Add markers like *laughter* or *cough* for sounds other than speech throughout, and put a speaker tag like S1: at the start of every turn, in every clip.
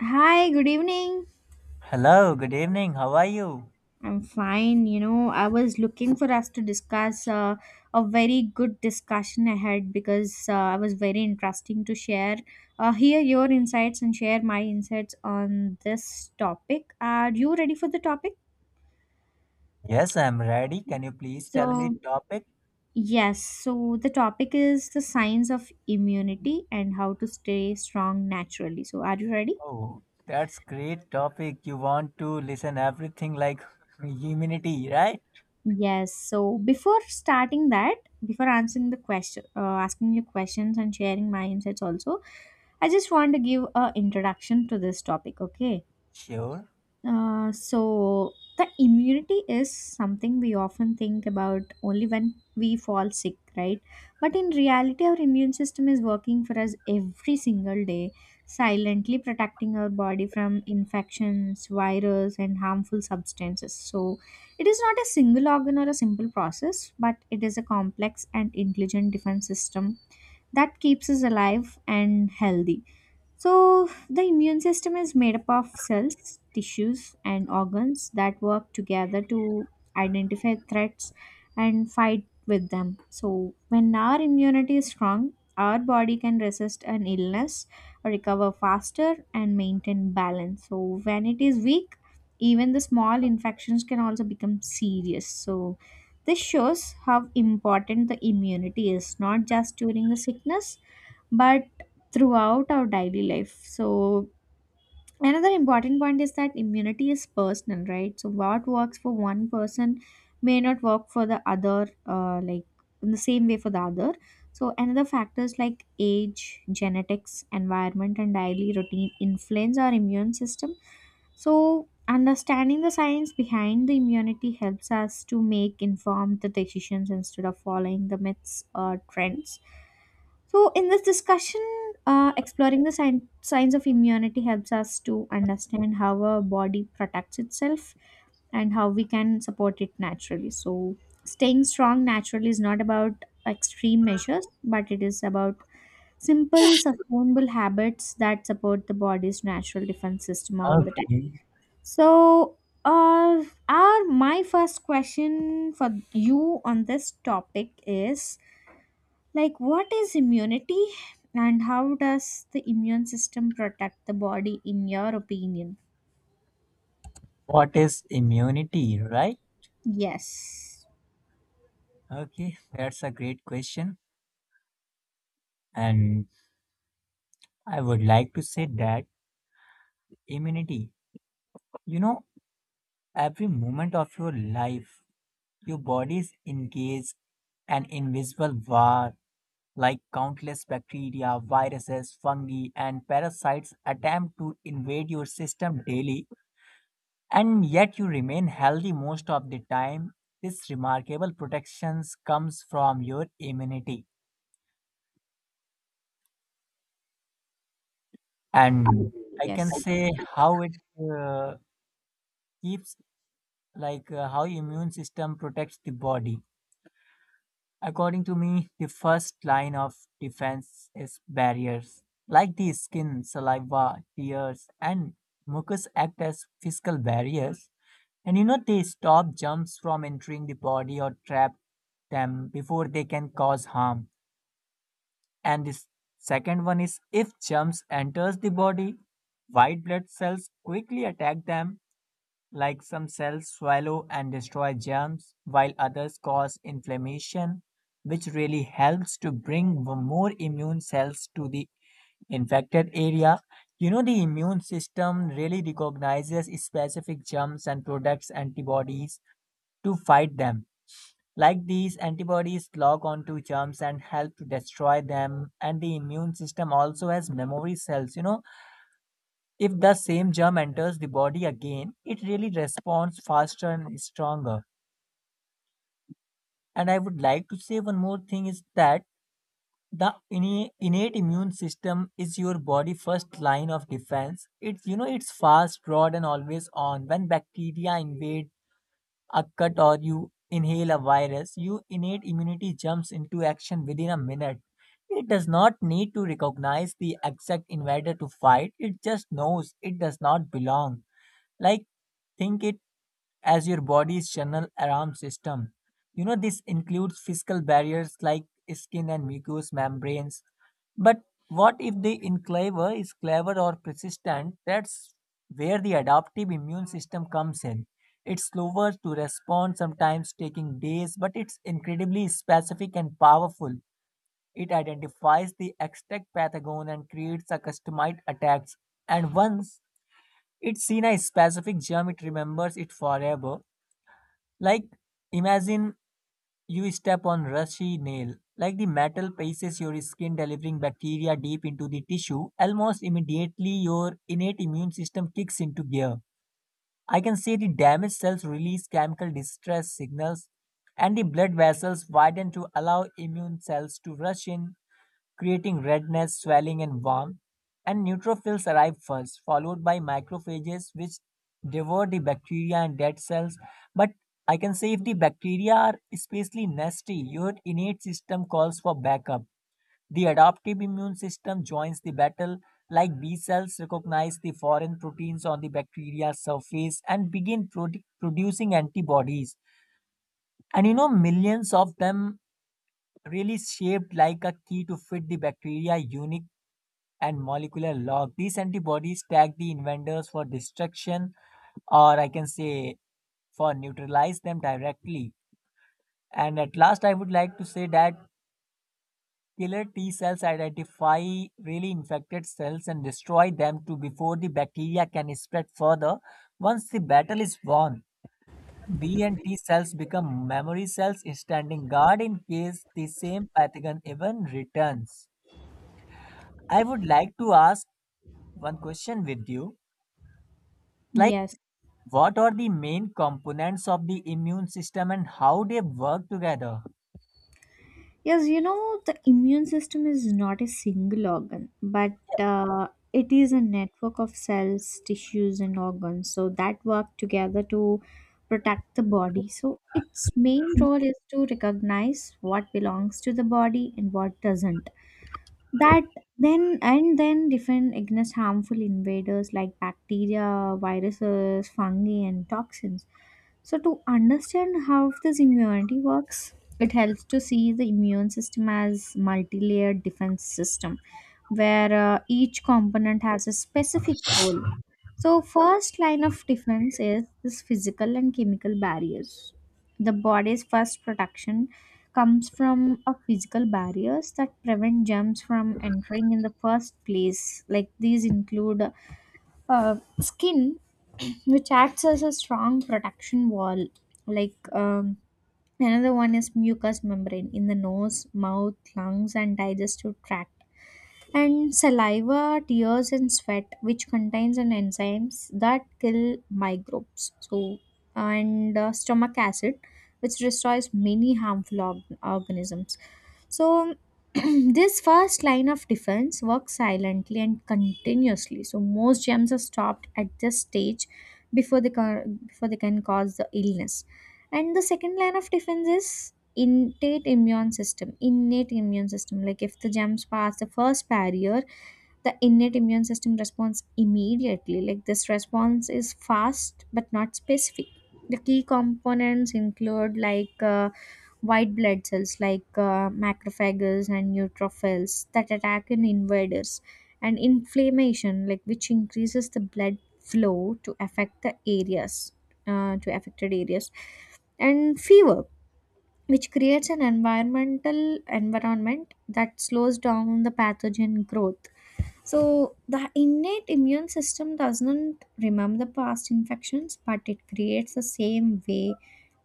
S1: Hi, good evening.
S2: Hello, good evening. How are you?
S1: I'm fine. You know, I was looking for us to discuss a very good discussion ahead because I was very interesting to share, hear your insights and share my insights on this topic. Are you ready for the topic?
S2: Yes, I'm ready. Can you please tell me
S1: So,
S2: the topic?
S1: yes, so the topic is the science of immunity and how to stay strong naturally. So, are you ready?
S2: Oh, that's great topic. You want to listen everything like *laughs* immunity, right?
S1: Yes. So before starting that, before answering the question, asking you questions and sharing my insights also, I just want to give a introduction to this topic. Okay.
S2: Sure.
S1: So the immunity is something we often think about only when we fall sick, right, but in reality our immune system is working for us every single day, silently protecting our body from infections, virus, and harmful substances. So it is not a single organ or a simple process, but it is a complex and intelligent defense system that keeps us alive and healthy. So the immune system is made up of cells, tissues, and organs that work together to identify threats and fight with them. So, when our immunity is strong, our body can resist an illness, recover faster, and maintain balance. So, when it is weak, even the small infections can also become serious. So, this shows how important the immunity is, not just during the sickness, but throughout our daily life. So, another important point is that immunity is personal, right? So, what works for one person may not work for the other, like in the same way for the other. So, another factors like age, genetics, environment, and daily routine influence our immune system. So, understanding the science behind the immunity helps us to make informed decisions instead of following the myths or trends. So, in this discussion, exploring the signs of immunity helps us to understand how our body protects itself and how we can support it naturally. So, staying strong naturally is not about extreme measures, but it is about simple, sustainable habits that support the body's natural defense system all the time.
S2: Okay.
S1: So, uh, our my first question for you on this topic is like, what is immunity and how does the immune system protect the body, in your opinion?
S2: What is immunity, right?
S1: Yes,
S2: Okay, that's a great question. And I would like to say that immunity, you know, every moment of your life, your body is engaged an invisible war like countless bacteria, viruses, fungi, and parasites attempt to invade your system daily, and yet you remain healthy most of the time. This remarkable protection comes from your immunity, and I
S1: yes,
S2: can say how it uh, keeps like how immune system protects the body. According to me, the first line of defense is barriers. Like the skin, saliva, tears, and mucus act as physical barriers. And you know, they stop germs from entering the body or trap them before they can cause harm. And the second one is if germs enters the body, white blood cells quickly attack them like some cells swallow and destroy germs, while others cause inflammation, which really helps to bring more immune cells to the infected area. You know, the immune system really recognizes specific germs and products antibodies to fight them. Like these antibodies lock onto germs and help to destroy them, and the immune system also has memory cells, you know if the same germ enters the body again, it really responds faster and stronger. And I would like to say one more thing is that the innate immune system is your body first line of defense. It's you know it's fast, broad, and always on. When bacteria invade a cut or you inhale a virus, your innate immunity jumps into action within a minute. It does not need to recognize the exact invader to fight, it just knows it does not belong. Like, think it as your body's general alarm system. You know, this includes physical barriers like skin and mucous membranes, but what if the enclaver is clever or persistent? That's where the adaptive immune system comes in. It's slower to respond, sometimes taking days, but it's incredibly specific and powerful. It identifies the extract pathogen and creates a customized attack. And once it's seen a specific germ, it remembers it forever. Like imagine you step on rusty nail, like the metal paces your skin, delivering bacteria deep into the tissue. Almost immediately, your innate immune system kicks into gear. I can see the damaged cells release chemical distress signals, and the blood vessels widen to allow immune cells to rush in creating redness, swelling, and warmth. And neutrophils arrive first, followed by macrophages, which devour the bacteria and dead cells. But I can say if the bacteria are especially nasty, your innate system calls for backup. The adaptive immune system joins the battle, like B cells recognize the foreign proteins on the bacteria's surface and begin producing antibodies. And you know, millions of them really shaped like a key to fit the bacteria unique and molecular log. These antibodies tag the invaders for destruction, or I can say for neutralize them directly. And at last, I would like to say that killer T cells identify really infected cells and destroy them to before the bacteria can spread further. Once the battle is won, B and T cells become memory cells standing guard in case the same pathogen even returns. I would like to ask one question with you. Like,
S1: yes.
S2: what are the main components of the immune system and how they work together?
S1: Yes, you know, the immune system is not a single organ, but it is a network of cells, tissues, and organs. So that work together to protect the body. So its main role is to recognize what belongs to the body and what doesn't. That then and then defend against harmful invaders like bacteria, viruses, fungi, and toxins. So to understand how this immunity works, it helps to see the immune system as multi-layered defense system where each component has a specific role. So first line of defense is this physical and chemical barriers. The body's first protection comes from a physical barriers that prevent germs from entering in the first place. Like these include skin, which acts as a strong protection wall, like um, another one is mucous membrane in the nose, mouth, lungs, and digestive tract, and saliva, tears, and sweat, which contains an enzymes that kill microbes. So, and stomach acid, which destroys many harmful organisms. So, *clears throat* this first line of defense works silently and continuously. So, most germs are stopped at this stage before they can cause the illness. And the second line of defense is innate immune system. Like if the germs pass the first barrier, the innate immune system responds immediately. Like this response is fast but not specific. The key components include white blood cells like macrophages and neutrophils that attack in invaders, and inflammation like which increases the blood flow to affect the areas to affected areas, and fever, which creates an environment that slows down the pathogen growth. So the innate immune system doesn't remember past infections, but it creates the same way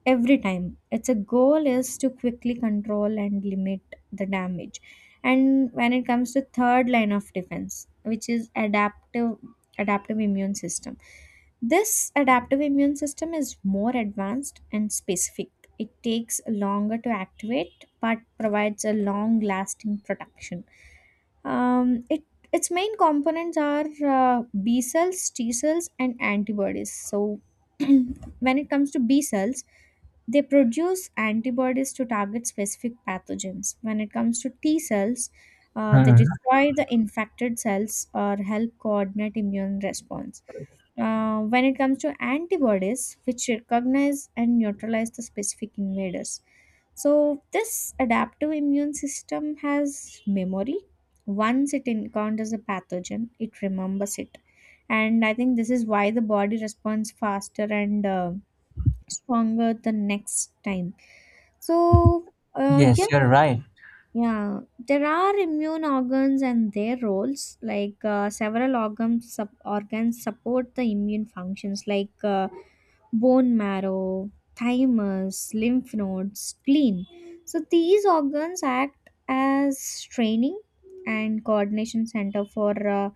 S1: every time. Its a goal is to quickly control and limit the damage. And when it comes to third line of defense, which is adaptive immune system. This adaptive immune system is more advanced and specific. It takes longer to activate but provides a long lasting protection. It its main components are uh, B cells, T cells, and antibodies. So, *clears throat* when it comes to B cells, they produce antibodies to target specific pathogens. When it comes to T cells, they
S2: Hmm.
S1: destroy the infected cells or help coordinate immune response. When it comes to antibodies, which recognize and neutralize the specific invaders. So, this adaptive immune system has memory. Once it encounters a pathogen, it remembers it. And I think this is why the body responds faster and stronger the next time. So, uh,
S2: Yes,
S1: yeah,
S2: you're right.
S1: yeah, there are immune organs and their roles. Like several organs, organs support the immune functions, like bone marrow, thymus, lymph nodes, spleen. So these organs act as training and coordination center for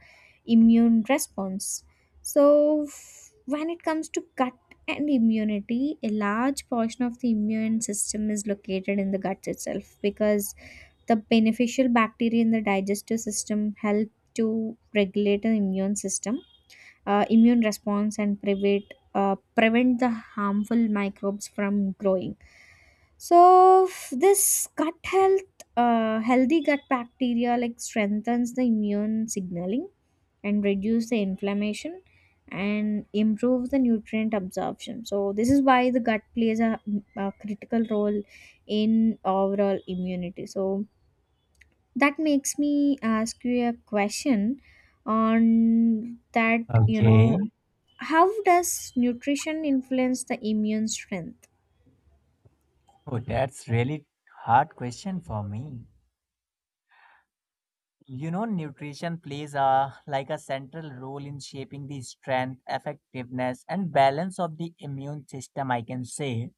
S1: immune response. So when it comes to gut and immunity, a large portion of the immune system is located in the gut itself because the beneficial bacteria in the digestive system help to regulate the immune system, immune response, and uh, prevent the harmful microbes from growing. So this gut health, healthy gut bacteria like strengthens the immune signaling and reduce the inflammation and improve the nutrient absorption. So this is why the gut plays a critical role in overall immunity. So that makes me ask you a question on that, you
S2: Okay.
S1: know, how does nutrition influence the immune strength?
S2: Oh, that's really hard question for me. You know, nutrition plays a like a central role in shaping the strength, effectiveness, and balance of the immune system, I can say.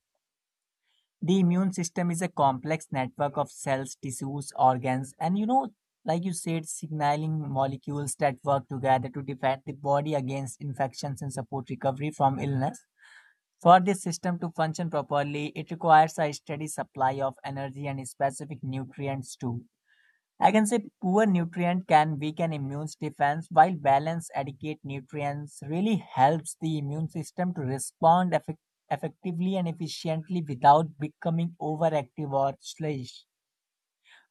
S2: The immune system is a complex network of cells, tissues, organs, and you know, like you said, signaling molecules that work together to defend the body against infections and support recovery from illness. For this system to function properly, it requires a steady supply of energy and specific nutrients too. I can say poor nutrient can weaken immune defense, while balanced adequate nutrients really helps the immune system to respond effectively and efficiently without becoming overactive or sluggish.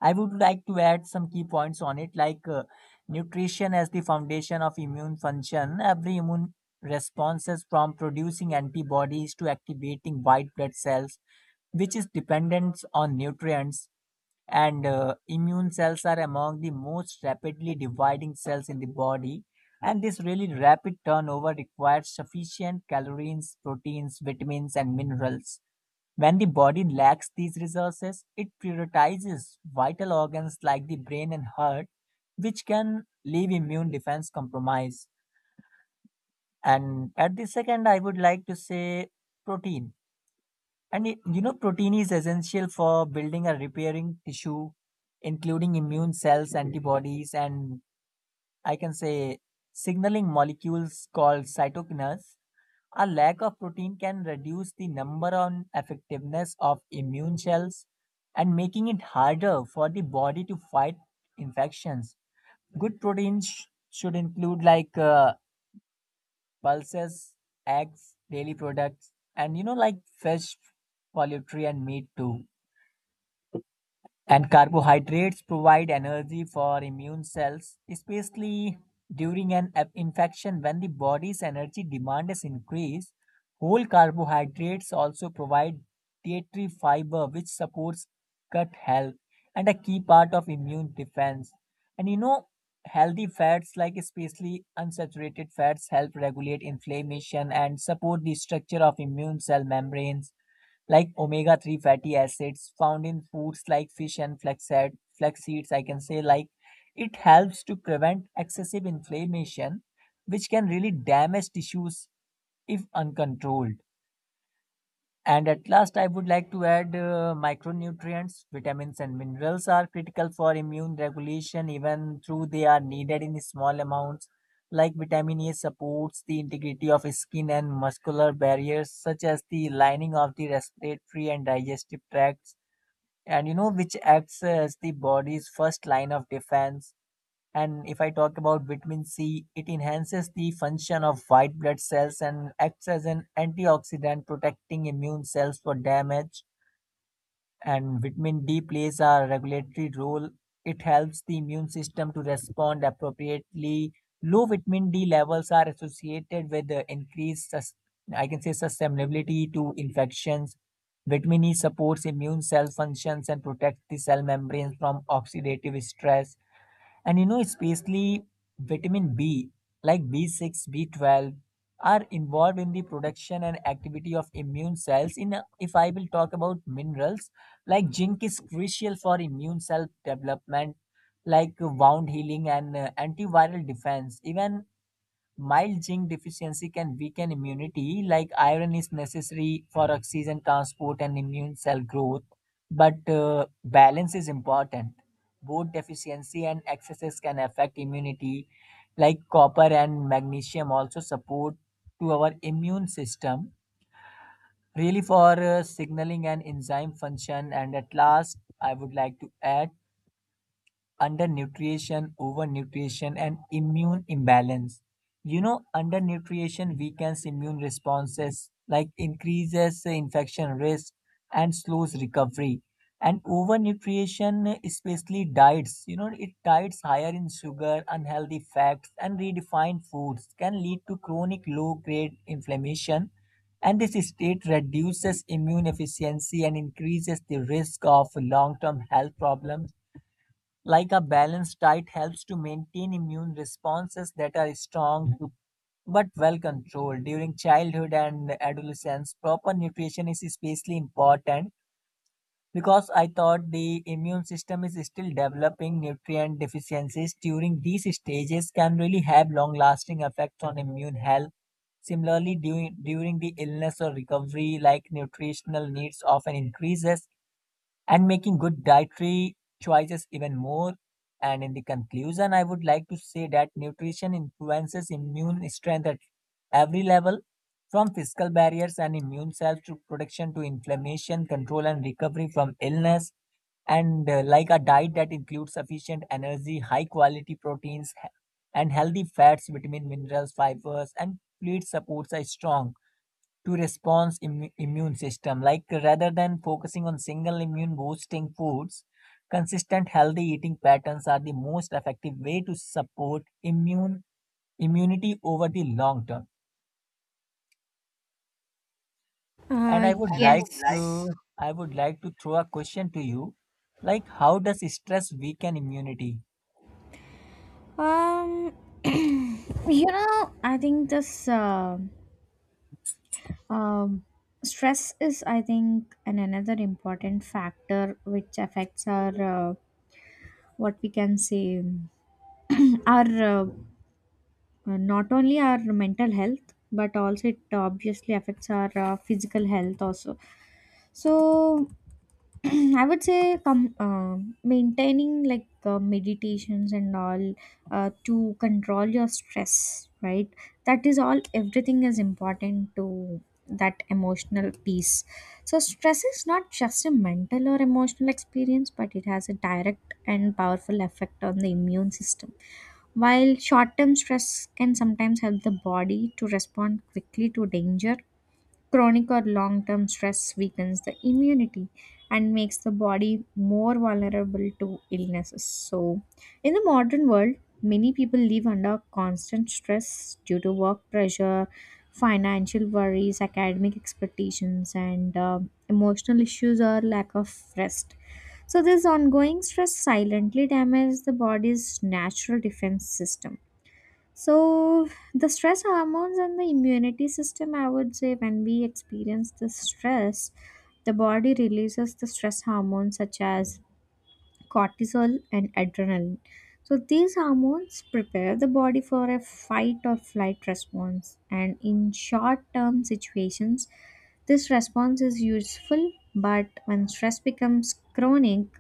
S2: I would like to add some key points on it like nutrition as the foundation of immune function. Every immune responses from producing antibodies to activating white blood cells which is dependent on nutrients, and immune cells are among the most rapidly dividing cells in the body, and this really rapid turnover requires sufficient calories, proteins, vitamins, and minerals. When the body lacks these resources, it prioritizes vital organs like the brain and heart, which can leave immune defense compromised. And at the second, I would like to say protein. And it, you know, protein is essential for building and repairing tissue, including immune cells, antibodies, and I can say signaling molecules called cytokines. A lack of protein can reduce the number and effectiveness of immune cells and making it harder for the body to fight infections. Good proteins should include like pulses, eggs, dairy products, and you know, like fish, poultry, and meat too. And carbohydrates provide energy for immune cells, especially during an infection when the body's energy demand is increased. Whole carbohydrates also provide dietary fiber, which supports gut health and a key part of immune defense. And you know, healthy fats, like especially unsaturated fats, help regulate inflammation and support the structure of immune cell membranes like omega 3 fatty acids found in foods like fish and flaxseed, flax seeds. I can say, like, it helps to prevent excessive inflammation, which can really damage tissues if uncontrolled. And at last, I would like to add micronutrients, vitamins, and minerals are critical for immune regulation, even though they are needed in small amounts. Like vitamin A supports the integrity of skin and muscular barriers, such as the lining of the respiratory and digestive tracts, and you know which acts as the body's first line of defense. And if I talk about vitamin C, it enhances the function of white blood cells and acts as an antioxidant protecting immune cells for damage. And vitamin D plays a regulatory role. It helps the immune system to respond appropriately. Low vitamin D levels are associated with the increased, I can say, susceptibility to infections. Vitamin E supports immune cell functions and protects the cell membranes from oxidative stress. And you know, especially vitamin B, like B6, B12, are involved in the production and activity of immune cells. If I will talk about minerals, like zinc is crucial for immune cell development, like wound healing and antiviral defense. Even mild zinc deficiency can weaken immunity, like iron is necessary for oxygen transport and immune cell growth, but balance is important. Both deficiency and excesses can affect immunity, like copper and magnesium also support to our immune system, really for signaling and enzyme function. And at last, I would like to add undernutrition, overnutrition, and immune imbalance. You know, undernutrition weakens immune responses, like increases infection risk and slows recovery. And overnutrition, especially diets, you know, it diets higher in sugar, unhealthy fats, and redefined foods can lead to chronic low grade inflammation. And this state reduces immune efficiency and increases the risk of long term health problems, like a balanced diet helps to maintain immune responses that are strong but well controlled. During childhood and adolescence proper nutrition is especially important because I thought the immune system is still developing. Nutrient deficiencies during these stages can really have long lasting effects on immune health. Similarly, during the illness or recovery, like nutritional needs often increases and making good dietary choices even more. And in the conclusion, I would like to say that nutrition influences immune strength at every level, from physical barriers and immune cells to protection to inflammation, control and recovery from illness. And like a diet that includes sufficient energy, high quality proteins, and healthy fats, vitamin, minerals, fibers, and complete supports a strong to response immune system, like rather than focusing on single immune boosting foods, consistent healthy eating patterns are the most effective way to support immune immunity over the long term. And
S1: uh yes.
S2: I would like to throw a question to you, like how does stress weaken immunity?
S1: um *clears throat* you know, I think this um stress is, I think, an another important factor which affects our what we can say *clears throat* our uh, not only our mental health but also it obviously affects our physical health also. So *clears throat* I would say maintaining like meditations and all, to control your stress, right? That is all everything is important to that emotional peace. So stress is not just a mental or emotional experience, but it has a direct and powerful effect on the immune system. While short term stress can sometimes help the body to respond quickly to danger, chronic or long term stress weakens the immunity and makes the body more vulnerable to illnesses. So, in the modern world, many people live under constant stress due to work pressure, financial worries, academic expectations, and emotional issues or lack of rest. So, this ongoing stress silently damages the body's natural defense system. So, the stress hormones and the immunity system, I would say, when we experience the stress, the body releases the stress hormones such as cortisol and adrenaline. So these hormones prepare the body for a fight or flight response, and in short term situations this response is useful, but when stress becomes chronic,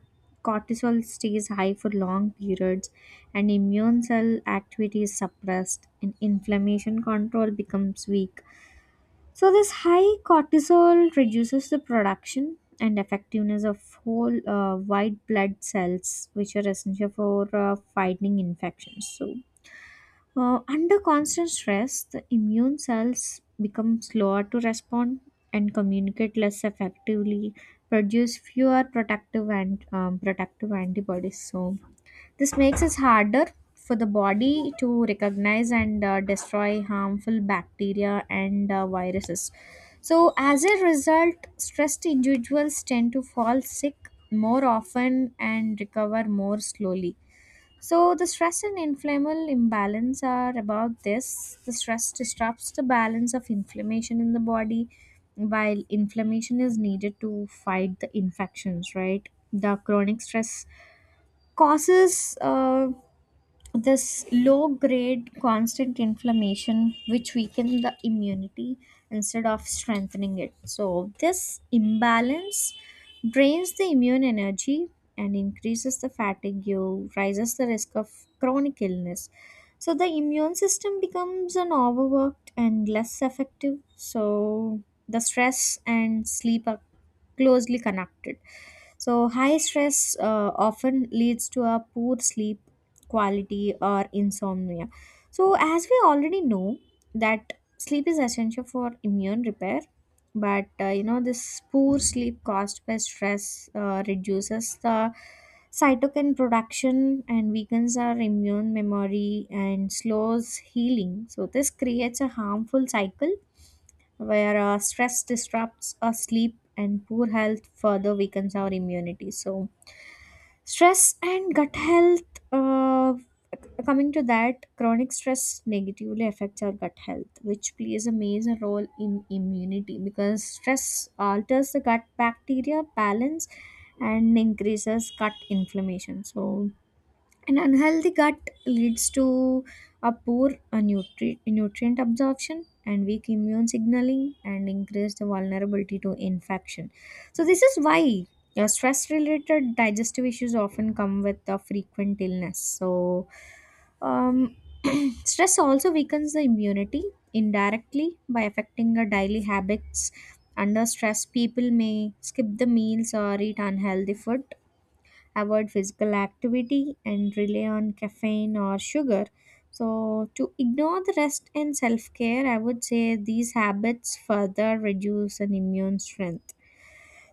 S1: cortisol stays high for long periods and immune cell activity is suppressed and inflammation control becomes weak. So this high cortisol reduces the production and effectiveness of whole white blood cells, which are essential for fighting infections. So under constant stress, the immune cells become slower to respond and communicate less effectively, produce fewer protective and protective antibodies. So this makes it harder for the body to recognize and destroy harmful bacteria and viruses. So, as a result, stressed individuals tend to fall sick more often and recover more slowly. So, the stress and inflammable imbalance are about this. The stress disrupts the balance of inflammation in the body, while inflammation is needed to fight the infections, right? The chronic stress causes this low grade constant inflammation which weaken the immunity instead of strengthening it. So this imbalance drains the immune energy and increases the fatigue, rises the risk of chronic illness. So the immune system becomes an overworked and less effective. So the stress and sleep are closely connected. So, high stress often leads to a poor sleep quality or insomnia. So, as we already know that sleep is essential for immune repair, but you know this poor sleep caused by stress reduces the cytokine production and weakens our immune memory and slows healing. So, this creates a harmful cycle where stress disrupts our sleep and poor health further weakens our immunity. So, stress and gut health, uh, coming to that, chronic stress negatively affects our gut health, which plays a major role in immunity because stress alters the gut bacteria balance and increases gut inflammation. So, an unhealthy gut leads to a poor nutrient absorption and weak immune signaling and increased vulnerability to infection. So, this is why stress related digestive issues often come with a frequent illness. So, um, *clears throat* stress also weakens the immunity indirectly by affecting our daily habits. Under stress, people may skip the meals or eat unhealthy food, avoid physical activity, and rely on caffeine or sugar. So, to ignore the rest and self care, I would say these habits further reduce an immune strength.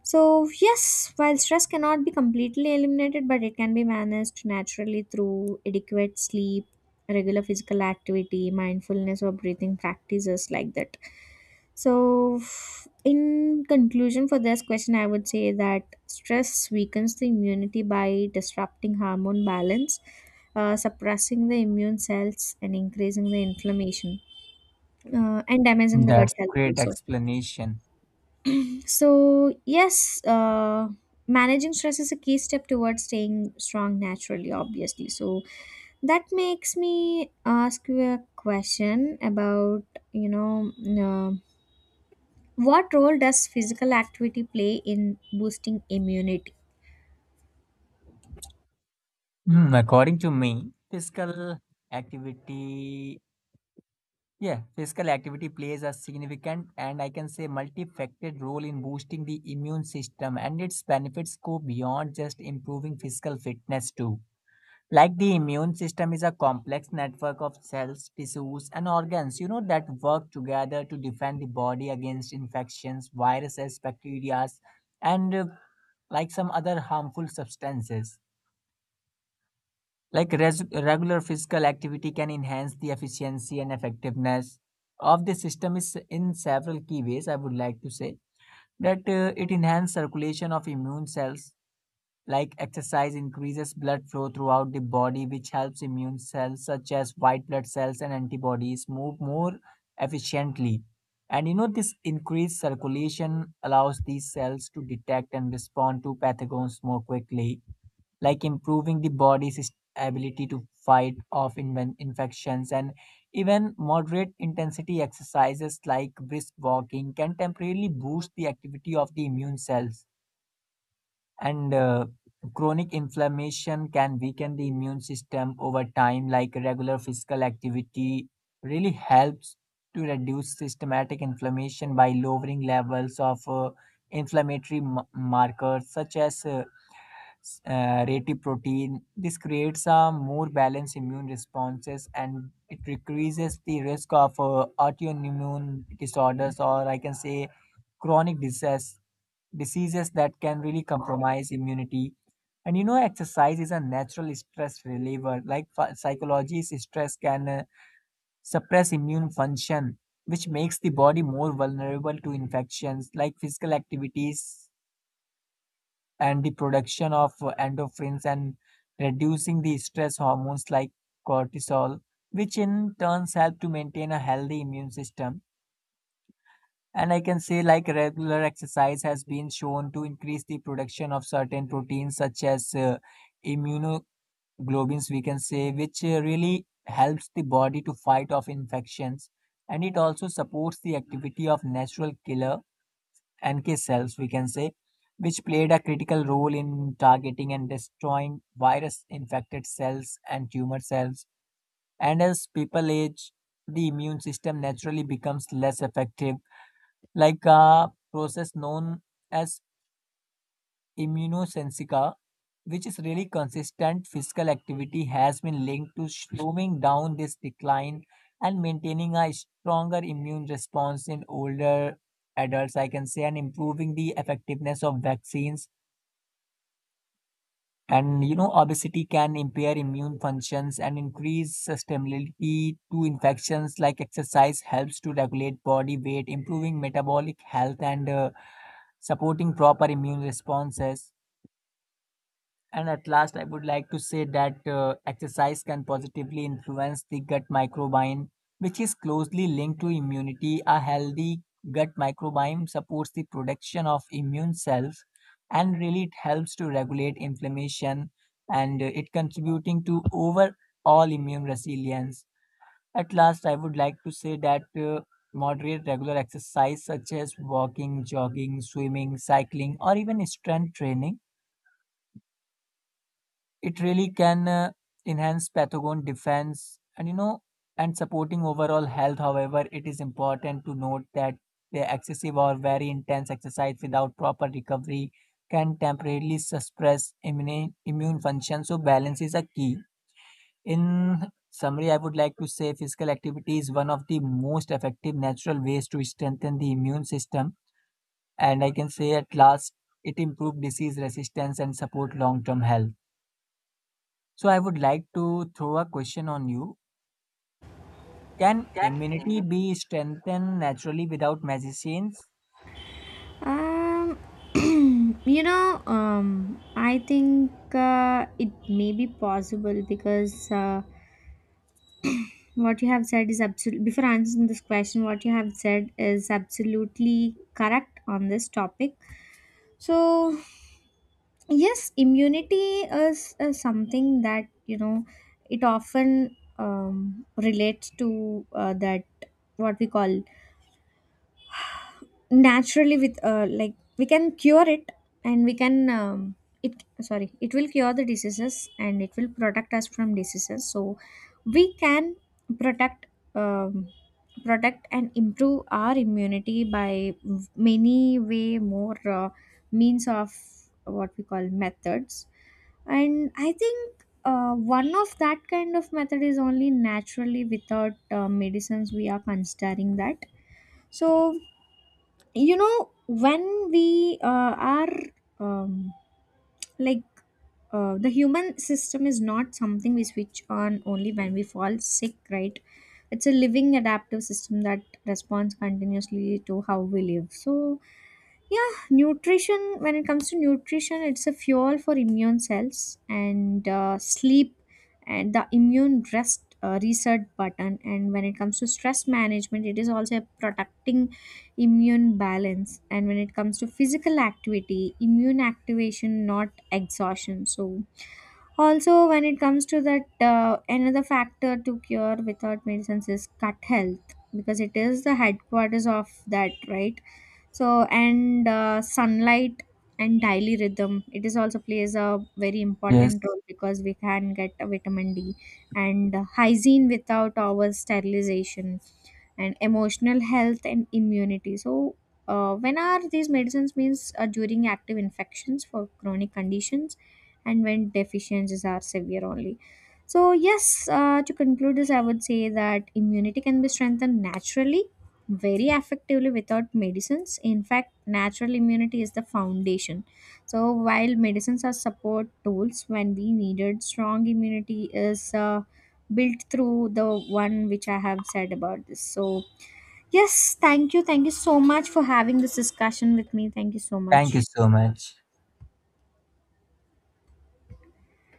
S1: So, yes, while stress cannot be completely eliminated, but it can be managed naturally through adequate sleep, regular physical activity, mindfulness, or breathing practices like that. So, in conclusion for this question, I would say that stress weakens the immunity by disrupting hormone balance, suppressing the immune cells, and increasing the inflammation, and damaging the gut
S2: That's
S1: health
S2: great
S1: also.
S2: explanation.
S1: So, yes, managing stress is a key step towards staying strong naturally, obviously. So, that makes me ask you a question about, you know, uh, what role does physical activity play in boosting immunity?
S2: Hmm, according to me, physical activity yeah, physical activity plays a significant and I can say multifaceted role in boosting the immune system, and its benefits go beyond just improving physical fitness too. Like the immune system is a complex network of cells, tissues, and organs, you know, that work together to defend the body against infections, viruses, bacteria, and like some other harmful substances. Like regular physical activity can enhance the efficiency and effectiveness of the system is in several key ways. I would like to say that it enhances circulation of immune cells. Like exercise increases blood flow throughout the body, which helps immune cells such as white blood cells and antibodies move more efficiently. And you know, this increased circulation allows these cells to detect and respond to pathogens more quickly, like improving the body's ability to fight off infections. And even moderate intensity exercises like brisk walking can temporarily boost the activity of the immune cells. And chronic inflammation can weaken the immune system over time, like regular physical activity really helps to reduce systematic inflammation by lowering levels of inflammatory markers such as rative protein. This creates a more balanced immune responses and it decreases the risk of autoimmune disorders, or I can say chronic disease diseases that can really compromise immunity. And you know, exercise is a natural stress reliever. Like psychology, stress can suppress immune function, which makes the body more vulnerable to infections. Like physical activities and the production of endorphins and reducing the stress hormones like cortisol, which in turns help to maintain a healthy immune system. And I can say like regular exercise has been shown to increase the production of certain proteins such as immunoglobulins, we can say, which really helps the body to fight off infections. And it also supports the activity of natural killer NK cells, we can say, which played a critical role in targeting and destroying virus infected cells and tumor cells. And as people age, the immune system naturally becomes less effective, like a process known as immunosensica, which is really consistent physical activity, has been linked to slowing down this decline and maintaining a stronger immune response in older adults, I can say, and improving the effectiveness of vaccines. And you know, obesity can impair immune functions and increase susceptibility to infections. Like exercise helps to regulate body weight, improving metabolic health, and supporting proper immune responses. And at last, I would like to say that exercise can positively influence the gut microbiome, which is closely linked to immunity. A healthy gut microbiome supports the production of immune cells and really it helps to regulate inflammation and it contributing to overall immune resilience. At last, I would like to say that moderate regular exercise such as walking, jogging, swimming, cycling, or even strength training, it really can enhance pathogen defense, and you know, and supporting overall health. However, it is important to note that the excessive or very intense exercise without proper recovery can temporarily suppress immune function, so balance is a key. In summary, I would like to say physical activity is one of the most effective natural ways to strengthen the immune system, and I can say at last it improves disease resistance and support long term health. So I would like to throw a question on you. Can immunity be strengthened naturally without medicines?
S1: Um, *clears throat* you know, I think it may be possible because. What you have said is absolutely, before answering this question, what you have said is absolutely correct on this topic. So, yes, immunity is something that, you know, it often relates to that what we call naturally with like we can cure it and we can it, sorry, it will cure the diseases and it will protect us from diseases. So we can protect um, protect and improve our immunity by many way more means of what we call methods. And I think one of that kind of method is only naturally without medicines we are considering that. So you know when we are um, like the human system is not something we switch on only when we fall sick, right? It's a living adaptive system that responds continuously to how we live. So yeah, nutrition, when it comes to nutrition, it's a fuel for immune cells, and sleep and the immune rest reset button. And when it comes to stress management, it is also protecting immune balance. And when it comes to physical activity, immune activation not exhaustion. So also when it comes to that, another factor to cure without medicines is gut health because it is the headquarters of that, right? So and sunlight and daily rhythm, it is also plays a very
S2: Yes.
S1: important role because we can get a vitamin D, and hygiene without our sterilization, and emotional health and immunity. So when are these medicines means during active infections, for chronic conditions, and when deficiencies are severe only. So yes, to conclude this, I would say that immunity can be strengthened naturally very effectively without medicines. In fact, natural immunity is the foundation. So, while medicines are support tools when we needed, strong immunity is built through the one which I have said about this. So, yes, thank you. Thank you so much for having this discussion with me. Thank you so
S2: Thank you
S1: much.
S2: so much.